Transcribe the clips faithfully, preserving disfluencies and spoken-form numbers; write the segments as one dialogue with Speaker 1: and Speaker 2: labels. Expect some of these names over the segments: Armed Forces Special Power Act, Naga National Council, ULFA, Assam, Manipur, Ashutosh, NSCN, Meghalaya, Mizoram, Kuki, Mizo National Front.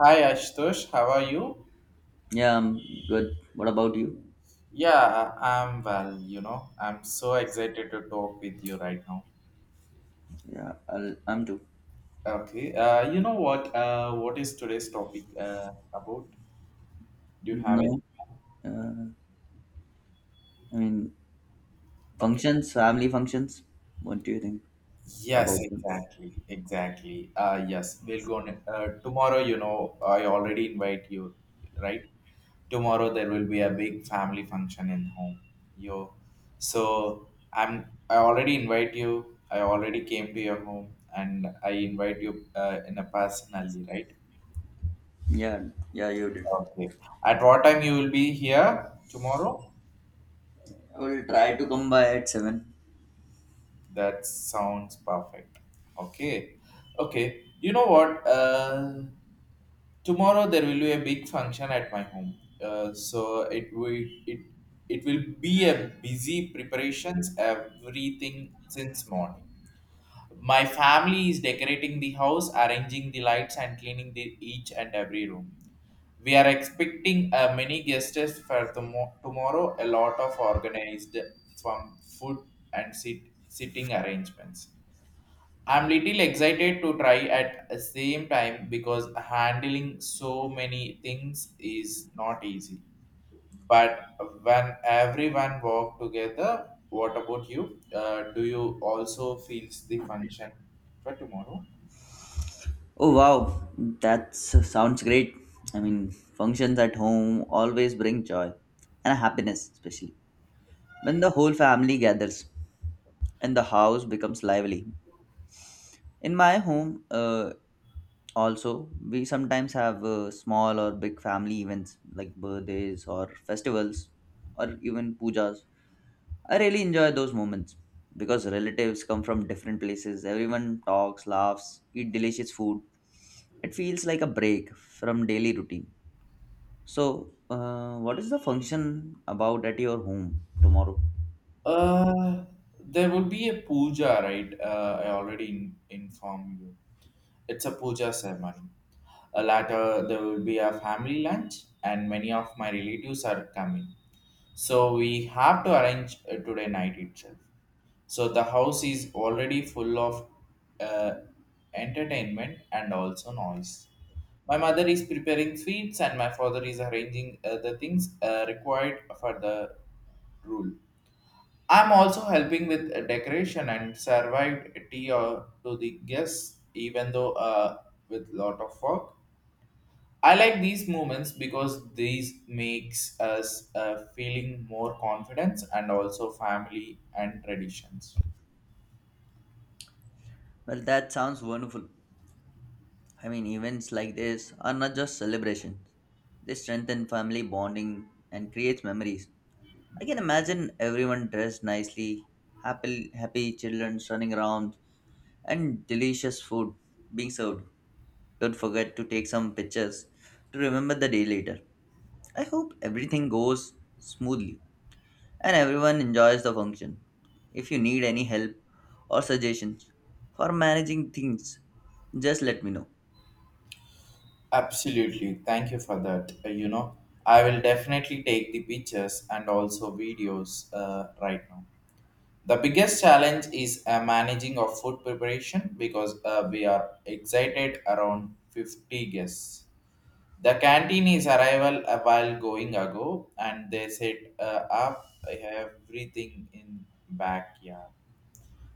Speaker 1: Hi Ashtosh, how are you?
Speaker 2: Yeah, I'm good. What about you?
Speaker 1: Yeah, I'm well, you know. I'm so excited to talk with you right now.
Speaker 2: Yeah, I'll, I'm too.
Speaker 1: Okay. Uh, you know what? Uh, what is today's topic uh, about? Do you have any?
Speaker 2: No, uh, I mean
Speaker 1: Okay.
Speaker 2: functions, family functions. What do you think
Speaker 1: Yes,
Speaker 2: about them?
Speaker 1: exactly, exactly. Uh, yes, we'll go on. Uh, tomorrow, you know, I already invite you, right? Tomorrow there will be a big family function in home. Yo so I'm I already invite you. I already came to your home, and I invite you uh, in a personally, right?
Speaker 2: Yeah, yeah, you did.
Speaker 1: Okay. At what time you will be here tomorrow?
Speaker 2: I will try to come by at seven.
Speaker 1: That sounds perfect. Okay. Okay. You know what? Uh tomorrow there will be a big function at my home. Uh, so it will it it will be a busy preparations, everything. Since morning, my family is decorating the house, arranging the lights, and cleaning the each and every room. We are expecting uh, many guests for tomo- tomorrow, a lot of organized from food and sit- sitting arrangements. I'm little excited to try at the same time because handling so many things is not easy. But when everyone work together, what about you? Uh, do you also feel the function for tomorrow?
Speaker 2: Oh wow, that sounds great. I mean, functions at home always bring joy and happiness, especially when the whole family gathers and the house becomes lively. In my home, uh, also we sometimes have uh, small or big family events like birthdays or festivals or even pujas. I really enjoy those moments because relatives come from different places. Everyone talks, laughs, eat delicious food. It feels like a break from daily routine. So uh, what is the function about at your home tomorrow?
Speaker 1: Uh, there would be a puja, right? Uh, I already in, informed you. It's a puja ceremony. Uh, later, there will be a family lunch, and many of my relatives are coming. So we have to arrange uh, today night itself. So the house is already full of uh, entertainment and also noise. My mother is preparing sweets, and my father is arranging uh, the things uh, required for the rule. I'm also helping with a decoration and served tea or to the guests, even though uh, with lot of work. I like these moments because these makes us uh, feeling more confidence and also family and traditions.
Speaker 2: Well, that sounds wonderful. I mean, events like this are not just celebrations. They strengthen family bonding and creates memories. I can imagine everyone dressed nicely, happy, happy children running around, and delicious food being served. Don't forget to take some pictures to remember the day later. I hope everything goes smoothly and everyone enjoys the function. If you need any help or suggestions for managing things, just let me know.
Speaker 1: Absolutely, thank you for that. Uh, you know, I will definitely take the pictures and also videos uh, right now. The biggest challenge is uh, managing of food preparation because uh, we are excited around fifty guests. The canteen is arrival a while going ago, and they set uh, up everything in backyard.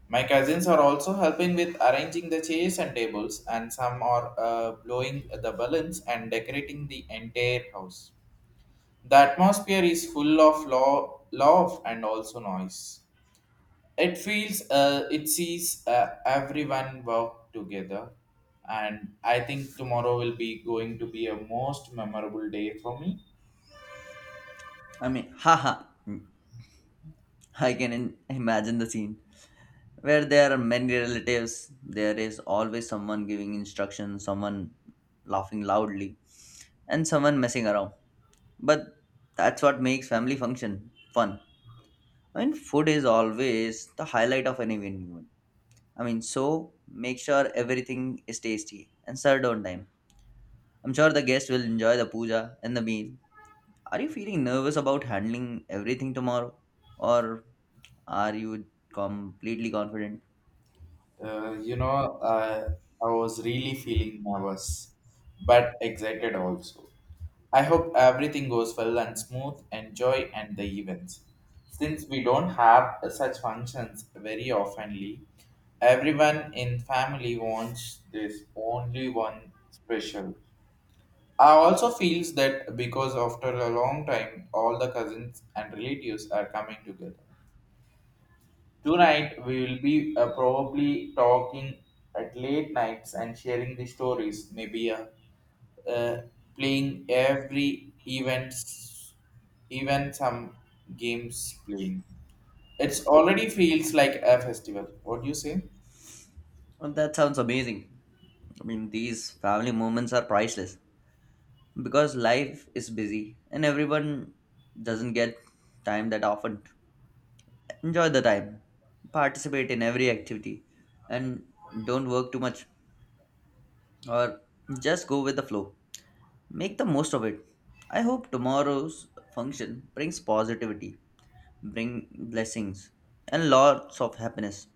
Speaker 1: My cousins are also helping with arranging the chairs and tables, and some are uh, blowing the balloons and decorating the entire house. The atmosphere is full of law, love, and also noise. It feels uh, it sees uh, everyone work together, and I think tomorrow will be going to be a most memorable day for me.
Speaker 2: I mean, haha, I can imagine the scene. where there are many relatives, there is always someone giving instructions, someone laughing loudly, and someone messing around. But that's what makes family function fun. I mean, food is always the highlight of any event. I mean, so make sure everything is tasty and served on time. I'm sure the guests will enjoy the puja and the meal. Are you feeling nervous about handling everything tomorrow, or are you completely confident?
Speaker 1: uh, you know uh, I was really feeling nervous, but excited also. I hope everything goes well and smooth, enjoy and the events. Since we don't have such functions very oftenly, everyone in family wants this only one special. I also feels that because after a long time, all the cousins and relatives are coming together. Tonight we will be uh, probably talking at late nights and sharing the stories. Maybe uh, uh, playing every events, even some games playing. It's already feels like a festival. What do you say?
Speaker 2: Well, that sounds amazing. I mean, these family moments are priceless because life is busy and everyone doesn't get time that often. Enjoy the time, participate in every activity, and don't work too much or just go with the flow. Make the most of it. I hope tomorrow's function brings positivity, bring blessings, and lots of happiness.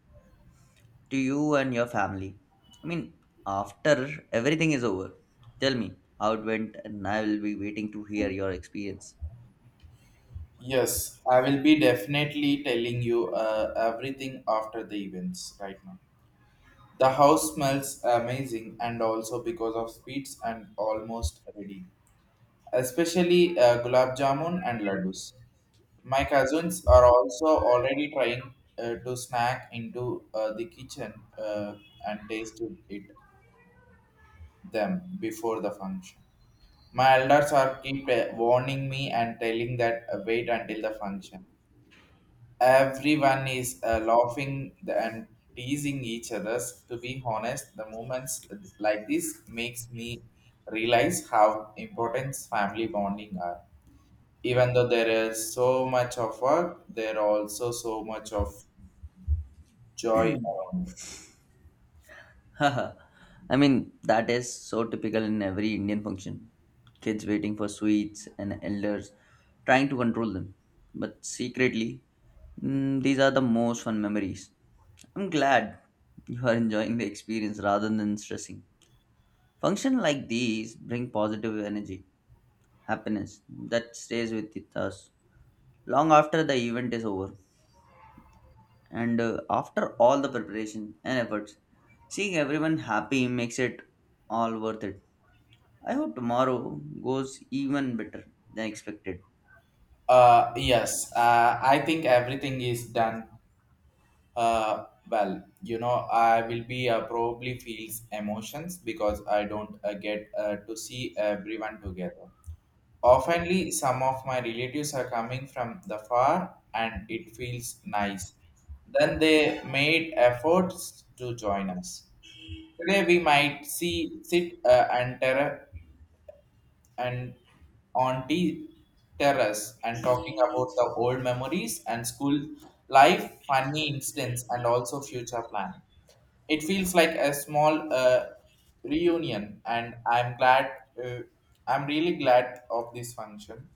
Speaker 2: to you and your family. I mean, after everything is over, tell me how it went, and I will be waiting to hear your experience.
Speaker 1: Yes, I will be definitely telling you uh, everything after the events right now. The house smells amazing and also because of sweets and almost ready, especially uh, gulab jamun and laddus. My cousins are also already trying uh, to snack into uh, the kitchen uh, and tasted it them before the function. My elders are keep uh, warning me and telling that uh, wait until the function. Everyone is uh, laughing and teasing each others. To be honest, the moments like this makes me realize how important family bonding are. Even though there is so much of work, there are also so much of joy around.
Speaker 2: I mean, that is so typical in every Indian function. Kids waiting for sweets and elders trying to control them. But secretly, mm, these are the most fun memories. I'm glad you are enjoying the experience rather than stressing. Functions like these bring positive energy, happiness that stays with it us long after the event is over. And uh, after all the preparation and efforts, seeing everyone happy makes it all worth it. I hope tomorrow goes even better than expected.
Speaker 1: Uh, yes, uh, I think everything is done uh, well. You know, I will be uh, probably feels emotions because I don't uh, get uh, to see everyone together. Oftenly, some of my relatives are coming from the far, and it feels nice. Then they made efforts to join us. Today we might see sit uh, and terra and on the terrace and talking about the old memories and school life, funny incidents, and also future planning. It feels like a small uh, reunion, and I'm glad. Uh, I'm really glad of this function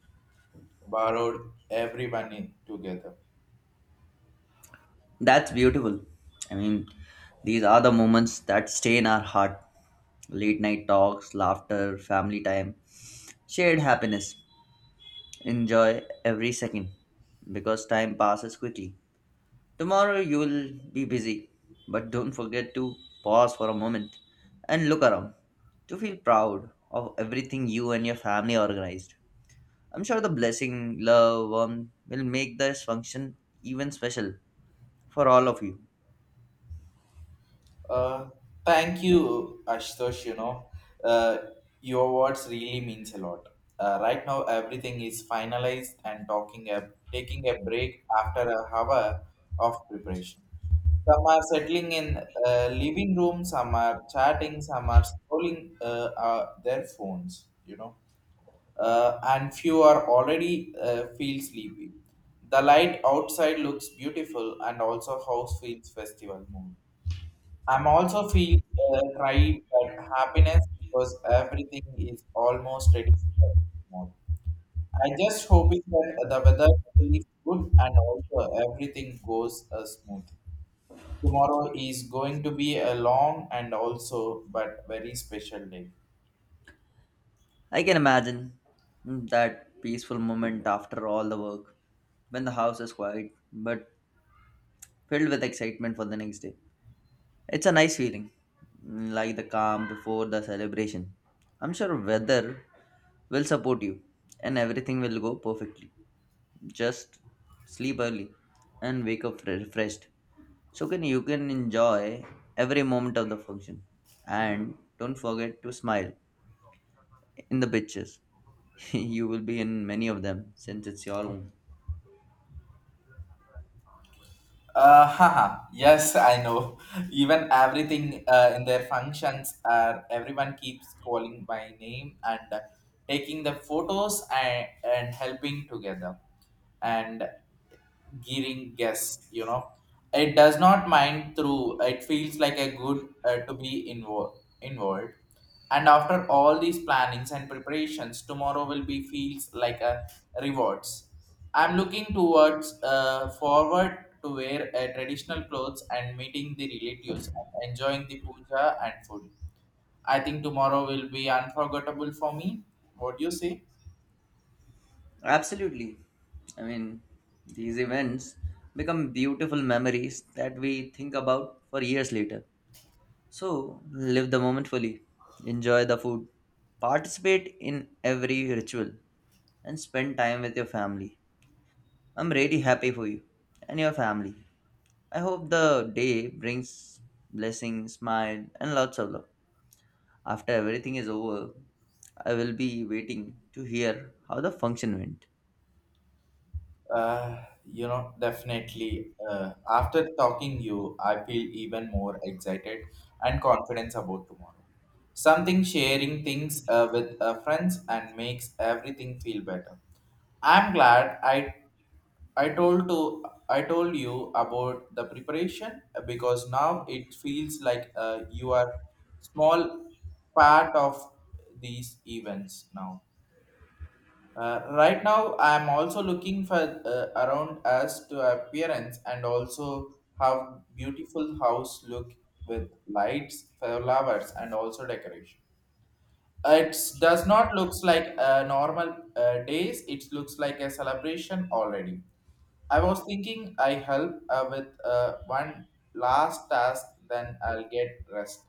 Speaker 1: borrowed everyone in together.
Speaker 2: That's beautiful. I mean, these are the moments that stay in our heart. Late night talks, laughter, family time, shared happiness. Enjoy every second because time passes quickly. Tomorrow you will be busy, but don't forget to pause for a moment and look around to feel proud of everything you and your family organized. I'm sure the blessing, love, warmth will make this function even special for all of you.
Speaker 1: Uh, thank you, Ashutosh. You know, uh, your words really means a lot. Uh, right now, everything is finalized and talking a, taking a break after a hour of preparation. Some are settling in uh, living room, some are chatting, some are scrolling uh, uh, their phones, you know. uh, and few are already uh, feel sleepy. The light outside looks beautiful, and also house feels festival mood. I'm also feel uh, tried that happiness because everything is almost ready for tomorrow. I just hoping that the weather is good and also everything goes uh, smooth. Tomorrow is going to be a long and also but very special day.
Speaker 2: I can imagine that peaceful moment after all the work when the house is quiet but filled with excitement for the next day. It's a nice feeling, like the calm before the celebration. I'm sure weather will support you and everything will go perfectly. Just sleep early and wake up fre- refreshed, so can you can enjoy every moment of the function, and don't forget to smile in the pictures. You will be in many of them since it's your home.
Speaker 1: Uh, haha. Yes, I know. Even everything uh, in their functions are everyone keeps calling my name and uh, taking the photos and, and helping together and giving guess. You know, it does not mind through. It feels like a good uh, to be involved. Involved. And after all these plannings and preparations, tomorrow will be feels like a rewards. I'm looking towards uh, forward to wear uh, traditional clothes and meeting the relatives and enjoying the puja and food. I think tomorrow will be unforgettable for me. What do you say?
Speaker 2: Absolutely. I mean, these events become beautiful memories that we think about for years later. So live the moment fully, enjoy the food, participate in every ritual, and spend time with your family. I'm really happy for you and your family. I hope the day brings blessings, smile, and lots of love. After everything is over, I will be waiting to hear how the function went.
Speaker 1: Uh, you know, definitely. Uh, after talking you, I feel even more excited and confident about tomorrow. Something sharing things uh, with uh, friends and makes everything feel better. I'm glad I I told to I told you about the preparation uh, because now it feels like uh, you are small part of these events now. Uh, right now, I'm also looking for uh, around as to appearance and also how beautiful house look with lights, flowers, and also decoration. It does not looks like a normal uh, days. It looks like a celebration already. I was thinking I help uh, with uh, one last task, then I'll get rest.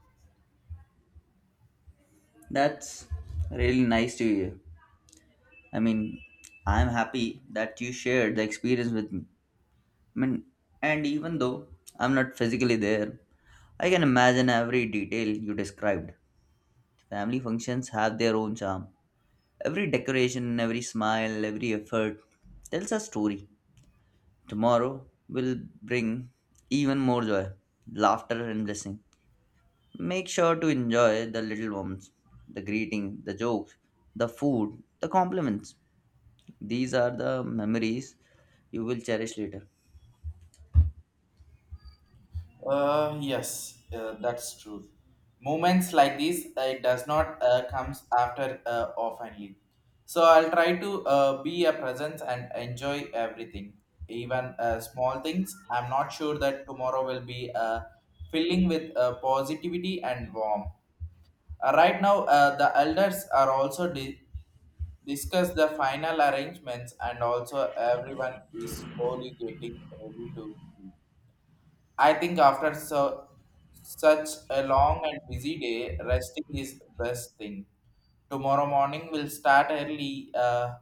Speaker 2: That's really nice to hear. I mean, I'm happy that you shared the experience with me. I mean, and even though I'm not physically there, I can imagine every detail you described. Family functions have their own charm Every decoration, every smile, every effort tells a story. Tomorrow will bring even more joy, laughter, and blessing. Make sure to enjoy the little ones, the greeting, the jokes, the food, the compliments. These are the memories you will cherish later.
Speaker 1: Uh, yes, uh, that's true. Moments like these, uh, it does not uh, comes after uh, oftenly. So I'll try to uh, be a presence and enjoy everything, even uh, small things. I'm not sure that tomorrow will be uh, filling with uh, positivity and warmth. Uh, right now, uh, the elders are also di- discuss the final arrangements, and also everyone is slowly getting ready to sleep. I think after so such a long and busy day, resting is best thing. Tomorrow morning will start early, uh,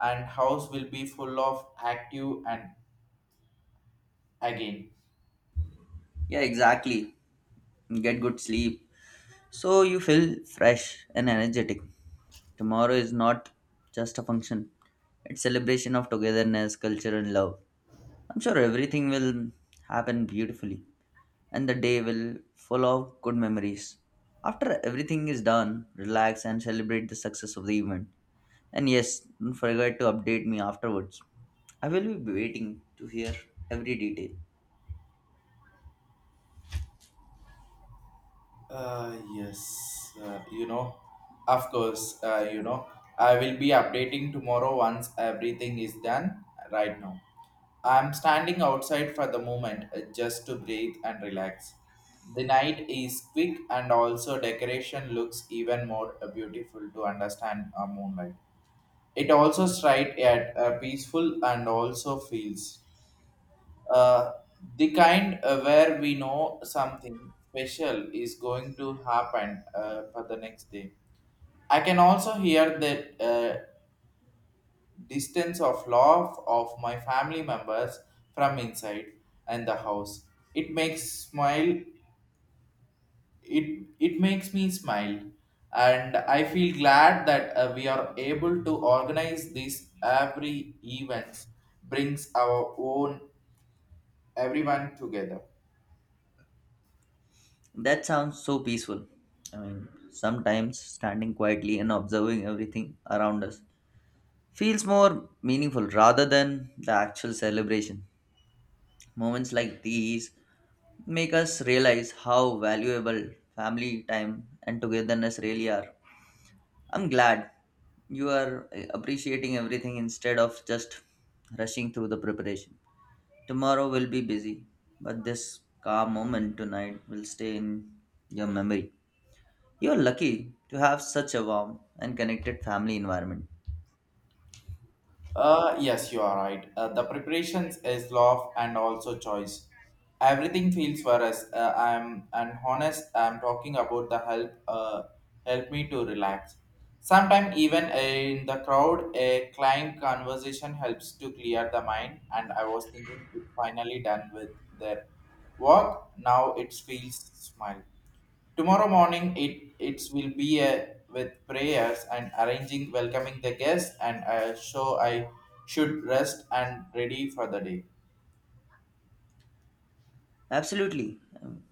Speaker 1: and house will be full of active and again.
Speaker 2: Yeah, exactly. Get good sleep so you feel fresh and energetic. Tomorrow is not just a function, it's celebration of togetherness, culture, and love. I'm sure everything will happen beautifully and the day will full of good memories. After everything is done, relax and celebrate the success of the event. And yes, don't forget to update me afterwards. I will be waiting to hear every detail.
Speaker 1: Uh, yes, uh, you know, of course, uh, you know, I will be updating tomorrow once everything is done right now. I'm standing outside for the moment uh, just to breathe and relax. The night is quick and also decoration looks even more uh, beautiful to understand uh, moonlight. It also straight at uh, peaceful and also feels uh, the kind uh, where we know something special is going to happen uh, for the next day. I can also hear the uh, distance of love of my family members from inside and the house. It makes smile. It it makes me smile, and I feel glad that uh, we are able to organize this every event brings our own everyone together.
Speaker 2: That sounds so peaceful. I mean, sometimes standing quietly and observing everything around us feels more meaningful rather than the actual celebration. Moments like these make us realize how valuable family time and togetherness really are. I'm glad you are appreciating everything instead of just rushing through the preparation. Tomorrow will be busy, but this calm moment tonight will stay in your memory. You're lucky to have such a warm and connected family environment.
Speaker 1: Uh, yes, you are right. Uh, the preparations is love and also choice. Everything feels for us. Uh, I'm and honest. I'm talking about the help. Uh, help me to relax. Sometimes even in the crowd, a client conversation helps to clear the mind. And I was thinking, it's finally done with their work. Now it feels smile. Tomorrow morning, it it will be a, with prayers and arranging, welcoming the guests, and uh, so I should rest and ready for the day.
Speaker 2: Absolutely. Um,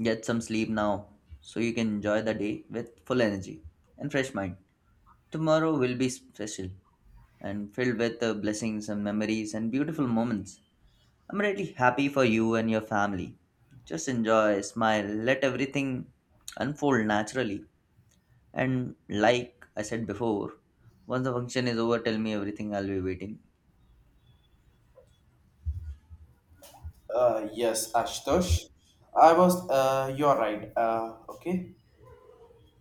Speaker 2: Get some sleep now so you can enjoy the day with full energy and fresh mind. Tomorrow will be special. and filled with uh, blessings and memories and beautiful moments. I'm really happy for you and your family. Just enjoy, smile, let everything unfold naturally. And like I said before, once the function is over, tell me everything, I'll be waiting.
Speaker 1: Uh, yes, Ashtosh, I was. Uh, you are right. Uh, okay.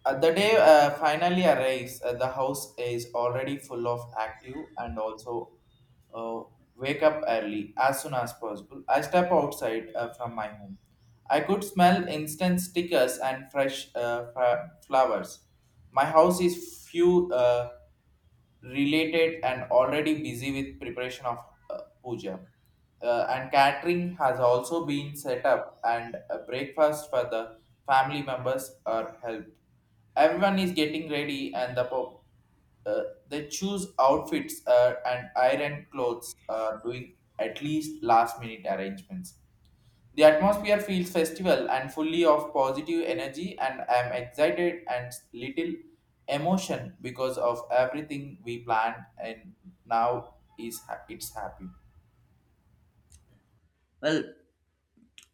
Speaker 1: Uh, the day uh, finally arrives, uh, the house is already full of active and also uh, wake up early as soon as possible. I step outside uh, from my home. I could smell instant stickers and fresh uh, fra- flowers. My house is few. Uh, related and already busy with preparation of uh, puja. Uh, and catering has also been set up, and a breakfast for the family members are helped. Everyone is getting ready, and the po- uh, they choose outfits uh, and iron clothes are doing at least last minute arrangements. The atmosphere feels festival and fully of positive energy, and I am excited and little emotion because of everything we planned, and now is ha- it's happy.
Speaker 2: Well,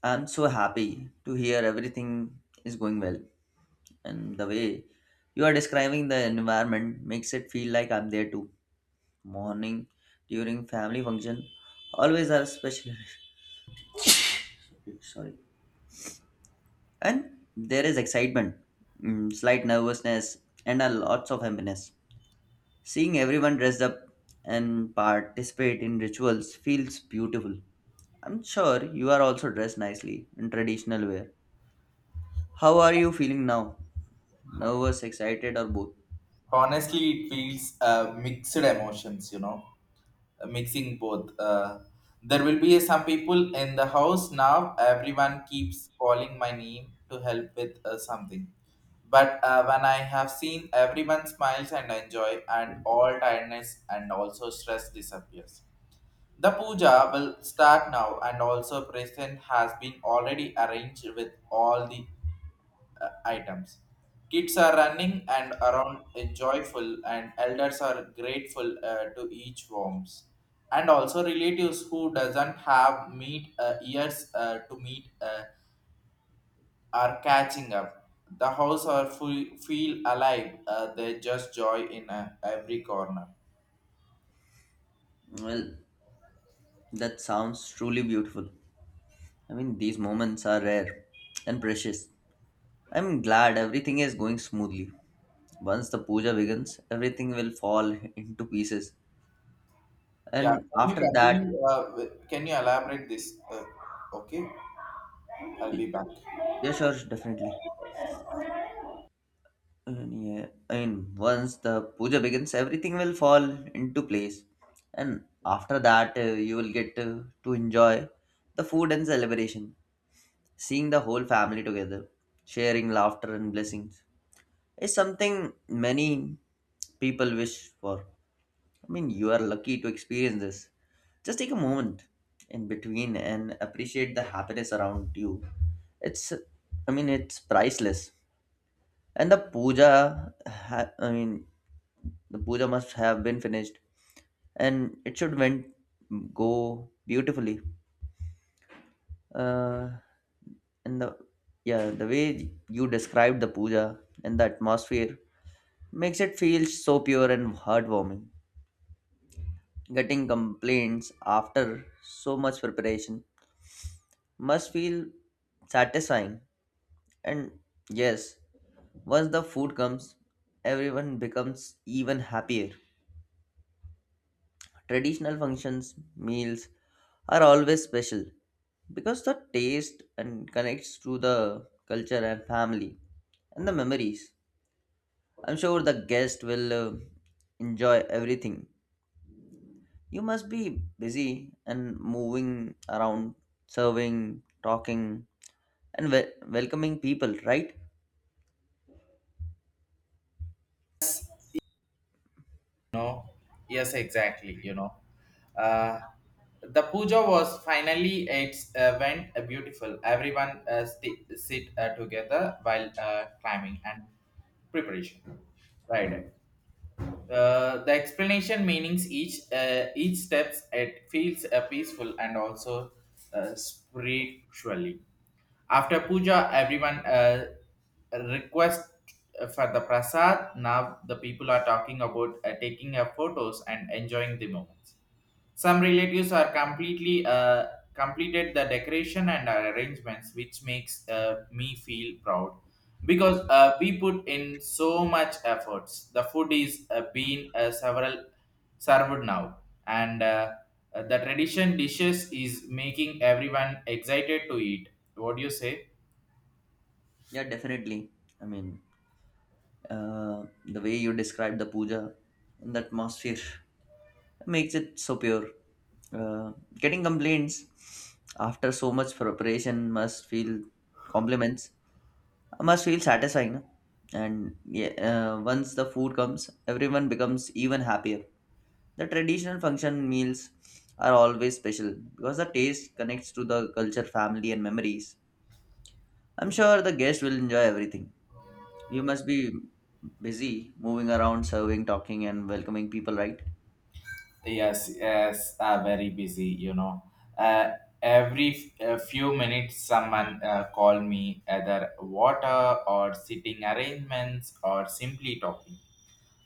Speaker 2: I'm so happy to hear everything is going well. And the way you are describing the environment makes it feel like I'm there too. Morning, during family function, always have special. Sorry And there is excitement, mm, slight nervousness, and a lots of happiness. Seeing everyone dressed up and participate in rituals feels beautiful. I'm sure you are also dressed nicely in traditional wear. How are you feeling now? Nervous, excited, or both?
Speaker 1: Honestly, it feels uh, mixed emotions, you know. uh, mixing both. Uh, there will be some people in the house now. Everyone keeps calling my name to help with uh, something. But uh, when I have seen everyone smiles and enjoy, and all tiredness and also stress disappears. The puja will start now, and also present has been already arranged with all the uh, items. Kids are running and around uh, joyful, and elders are grateful uh, to each warmth. And also relatives who doesn't have meet uh, ears uh, to meet uh, are catching up. The house are full, feel alive. Uh, they just joy in uh, every corner.
Speaker 2: Well, that sounds truly beautiful. I mean, these moments are rare and precious. I'm glad everything is going smoothly. Once the puja begins, everything will fall into pieces
Speaker 1: Yeah,
Speaker 2: And
Speaker 1: can you
Speaker 2: after that,
Speaker 1: continue? Uh, with- can you elaborate this? Uh, okay, I'll be back.
Speaker 2: yeah, sure, definitely. And yeah, I mean, once the puja begins, everything will fall into place. And after that, uh, you will get to, to enjoy the food and celebration. Seeing the whole family together, sharing laughter and blessings is something many people wish for. I mean, you are lucky to experience this. Just take a moment in between and appreciate the happiness around you. It's, I mean, it's priceless. And the puja, ha- I mean, the puja must have been finished, and it should went go beautifully. Uh, and the yeah, the way you described the puja and the atmosphere makes it feel so pure and heartwarming. Getting complaints after so much preparation must feel satisfying. And yes, once the food comes, everyone becomes even happier. Traditional functions, meals are always special because the taste and connects to the culture and family and the memories. I'm sure the guest will uh, enjoy everything. You must be busy and moving around, serving, talking, and wel- welcoming people, right?
Speaker 1: No, yes, exactly. You know, uh, the puja was finally its uh, went uh, beautiful. Everyone uh, sti sit uh, together while uh, climbing and preparation. Right. Uh, the explanation meanings each uh, each steps it feels uh, peaceful and also uh, spiritually. After puja, everyone uh, request uh, for the prasad. Now the people are talking about uh, taking uh, photos and enjoying the moments. Some relatives are completely uh, completed the decoration and arrangements, which makes uh, me feel proud because uh, we put in so much efforts. The food is uh, being uh, several served now, and uh, uh, the tradition dishes is making everyone excited to eat. What do you say?
Speaker 2: Yeah, definitely. I mean, uh, the way you describe the puja and the atmosphere makes it so pure. Uh, getting complaints after so much preparation must feel compliments must feel satisfying. No? And yeah, uh, once the food comes, everyone becomes even happier. The traditional function meals are always special because the taste connects to the culture, family, and memories. I'm sure the guest will enjoy everything. You must be busy moving around, serving, talking, and welcoming people, right?
Speaker 1: Yes, yes, uh, very busy, you know. Uh, every f- uh, few minutes, someone uh, call me either water or sitting arrangements or simply talking,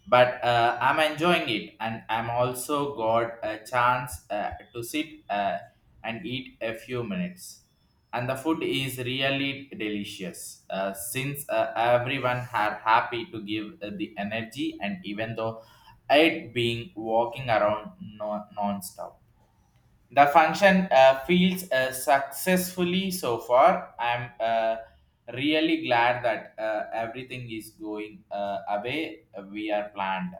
Speaker 1: but uh, I'm enjoying it, and I'm also got a chance uh, to sit uh, and eat a few minutes. And the food is really delicious. Uh, since uh, everyone had happy to give uh, the energy, and even though I'd been walking around no- non-stop. The function uh, feels uh, successfully so far. I'm uh, really glad that uh, everything is going uh, away uh, we are planned.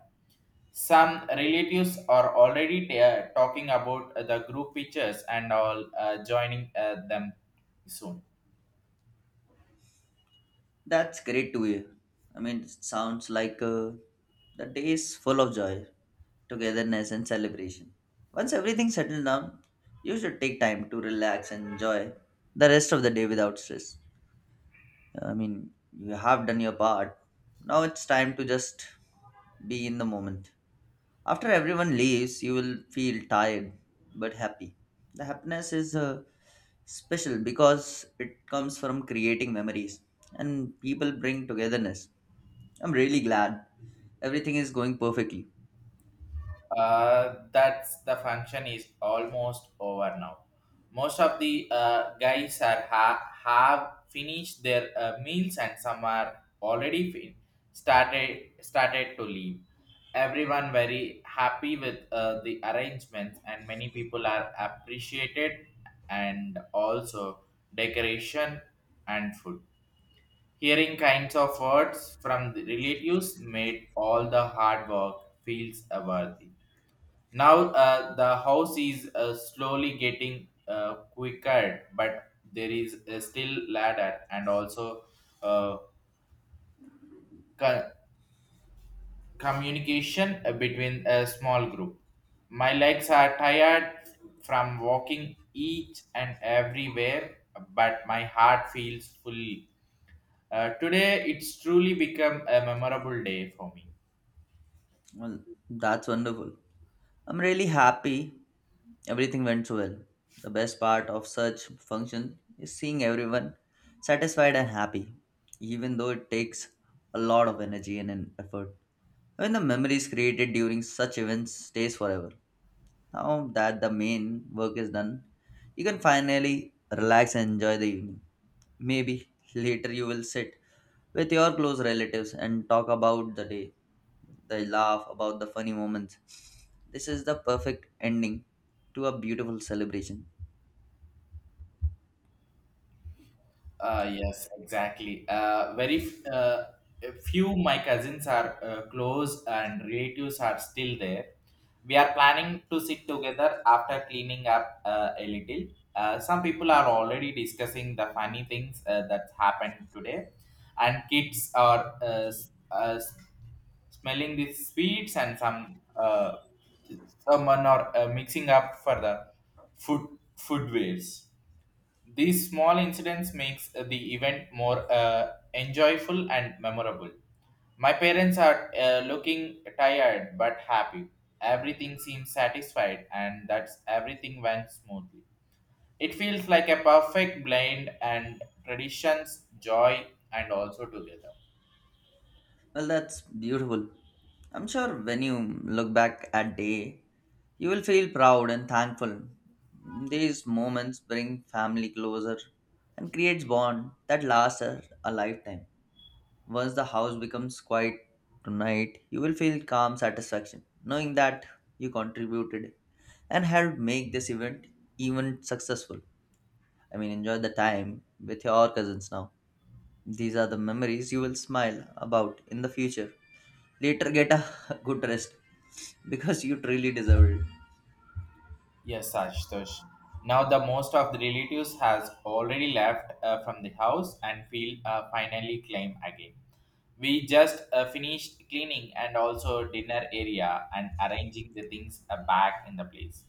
Speaker 1: Some relatives are already uh, talking about uh, the group pictures and all uh, joining uh, them soon.
Speaker 2: That's great to hear. I mean, it sounds like uh, the day is full of joy, togetherness, and celebration. Once everything settles down, you should take time to relax and enjoy the rest of the day without stress. I mean, you have done your part. Now it's time to just be in the moment. After everyone leaves, you will feel tired but happy. The happiness is uh, special because it comes from creating memories and people bring togetherness. I'm really glad everything is going perfectly.
Speaker 1: Uh, that's the function is almost over now. Most of the uh, guys are ha- have finished their uh, meals, and some are already fin- started started to leave. Everyone very happy with uh, the arrangements, and many people are appreciated, and also decoration and food. Hearing kinds of words from the relatives made all the hard work feels uh, worthy. Now uh, the house is uh, slowly getting uh, quicker, but there is uh, still ladder and also uh, co- communication uh, between a small group. My legs are tired from walking each and everywhere, but my heart feels full. Uh, today, it's truly become a memorable day for me.
Speaker 2: Well, that's wonderful. I'm really happy everything went so well. The best part of such function is seeing everyone satisfied and happy, even though it takes a lot of energy and an effort. When the memories created during such events stays forever. Now that the main work is done, you can finally relax and enjoy the evening. Maybe later you will sit with your close relatives and talk about the day. They laugh about the funny moments. This is the perfect ending to a beautiful celebration.
Speaker 1: Uh, yes, exactly. Uh, very f- uh, few my cousins are uh, close and relatives are still there. We are planning to sit together after cleaning up uh, a little. Uh, some people are already discussing the funny things uh, that happened today, and kids are uh, s- uh, s- smelling the sweets, and some uh, someone are uh, mixing up for the food foodwares. These small incidents makes the event more uh, enjoyable and memorable. My parents are uh, looking tired but happy. Everything seems satisfied, and that's everything went smoothly. It feels like a perfect blend and traditions, joy and also together.
Speaker 2: Well, that's beautiful. I'm sure when you look back at day, you will feel proud and thankful. These moments bring family closer and creates bond that lasts a a lifetime. Once the house becomes quiet tonight, you will feel calm satisfaction knowing that you contributed and helped make this event even successful. I mean, enjoy the time with your cousins now. These are the memories you will smile about in the future. Later, get a good rest because you truly deserve it.
Speaker 1: Yes, Ashutosh. Now the most of the relatives has already left uh, from the house and feel uh, finally claim again. We just uh, finished cleaning and also dinner area and arranging the things uh, back in the place.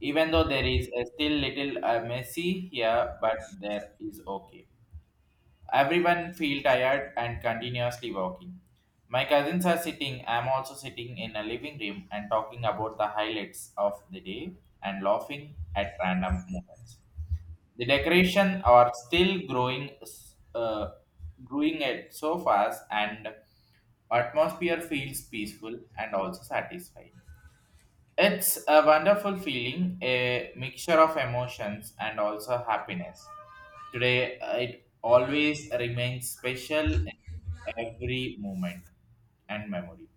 Speaker 1: Even though there is uh, still little uh, messy here, but there is okay. Everyone feel tired and continuously walking. My cousins are sitting. I'm also sitting in a living room and talking about the highlights of the day and laughing at random moments. The decoration are still growing, uh, growing at so fast, and atmosphere feels peaceful and also satisfying. It's a wonderful feeling, a mixture of emotions and also happiness. Today, uh, it always remains special in every moment and memory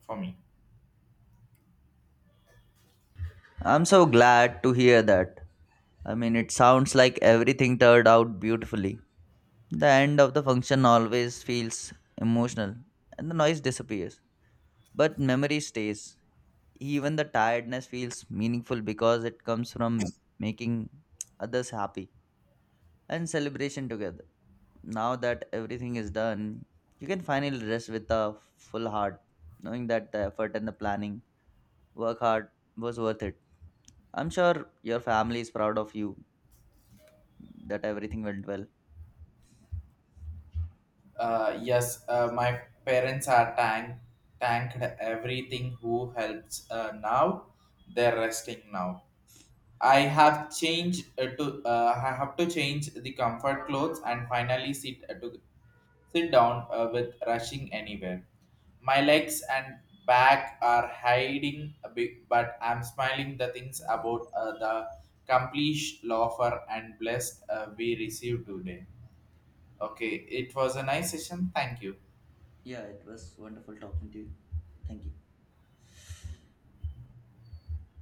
Speaker 1: for me.
Speaker 2: I'm so glad to hear that. I mean, it sounds like everything turned out beautifully. The end of the function always feels emotional and the noise disappears, but memory stays. Even the tiredness feels meaningful because it comes from making others happy. and celebration together. Now that everything is done, you can finally rest with a full heart, knowing that the effort and the planning, work hard, was worth it. I'm sure your family is proud of you that everything went well.
Speaker 1: Uh, yes, uh, my parents are thank, thanked everything who helps uh, now. They're resting now. I
Speaker 2: Uh,
Speaker 1: have changed uh, to uh, I have to change the comfort clothes and finally sit uh, to sit down uh, with rushing anywhere. My legs and back are hiding a bit, but I'm smiling the things about uh, the complete offer and blessed uh, we received today. Okay, it was a nice session. Thank you.
Speaker 2: yeah, it was wonderful talking to you. Thank you.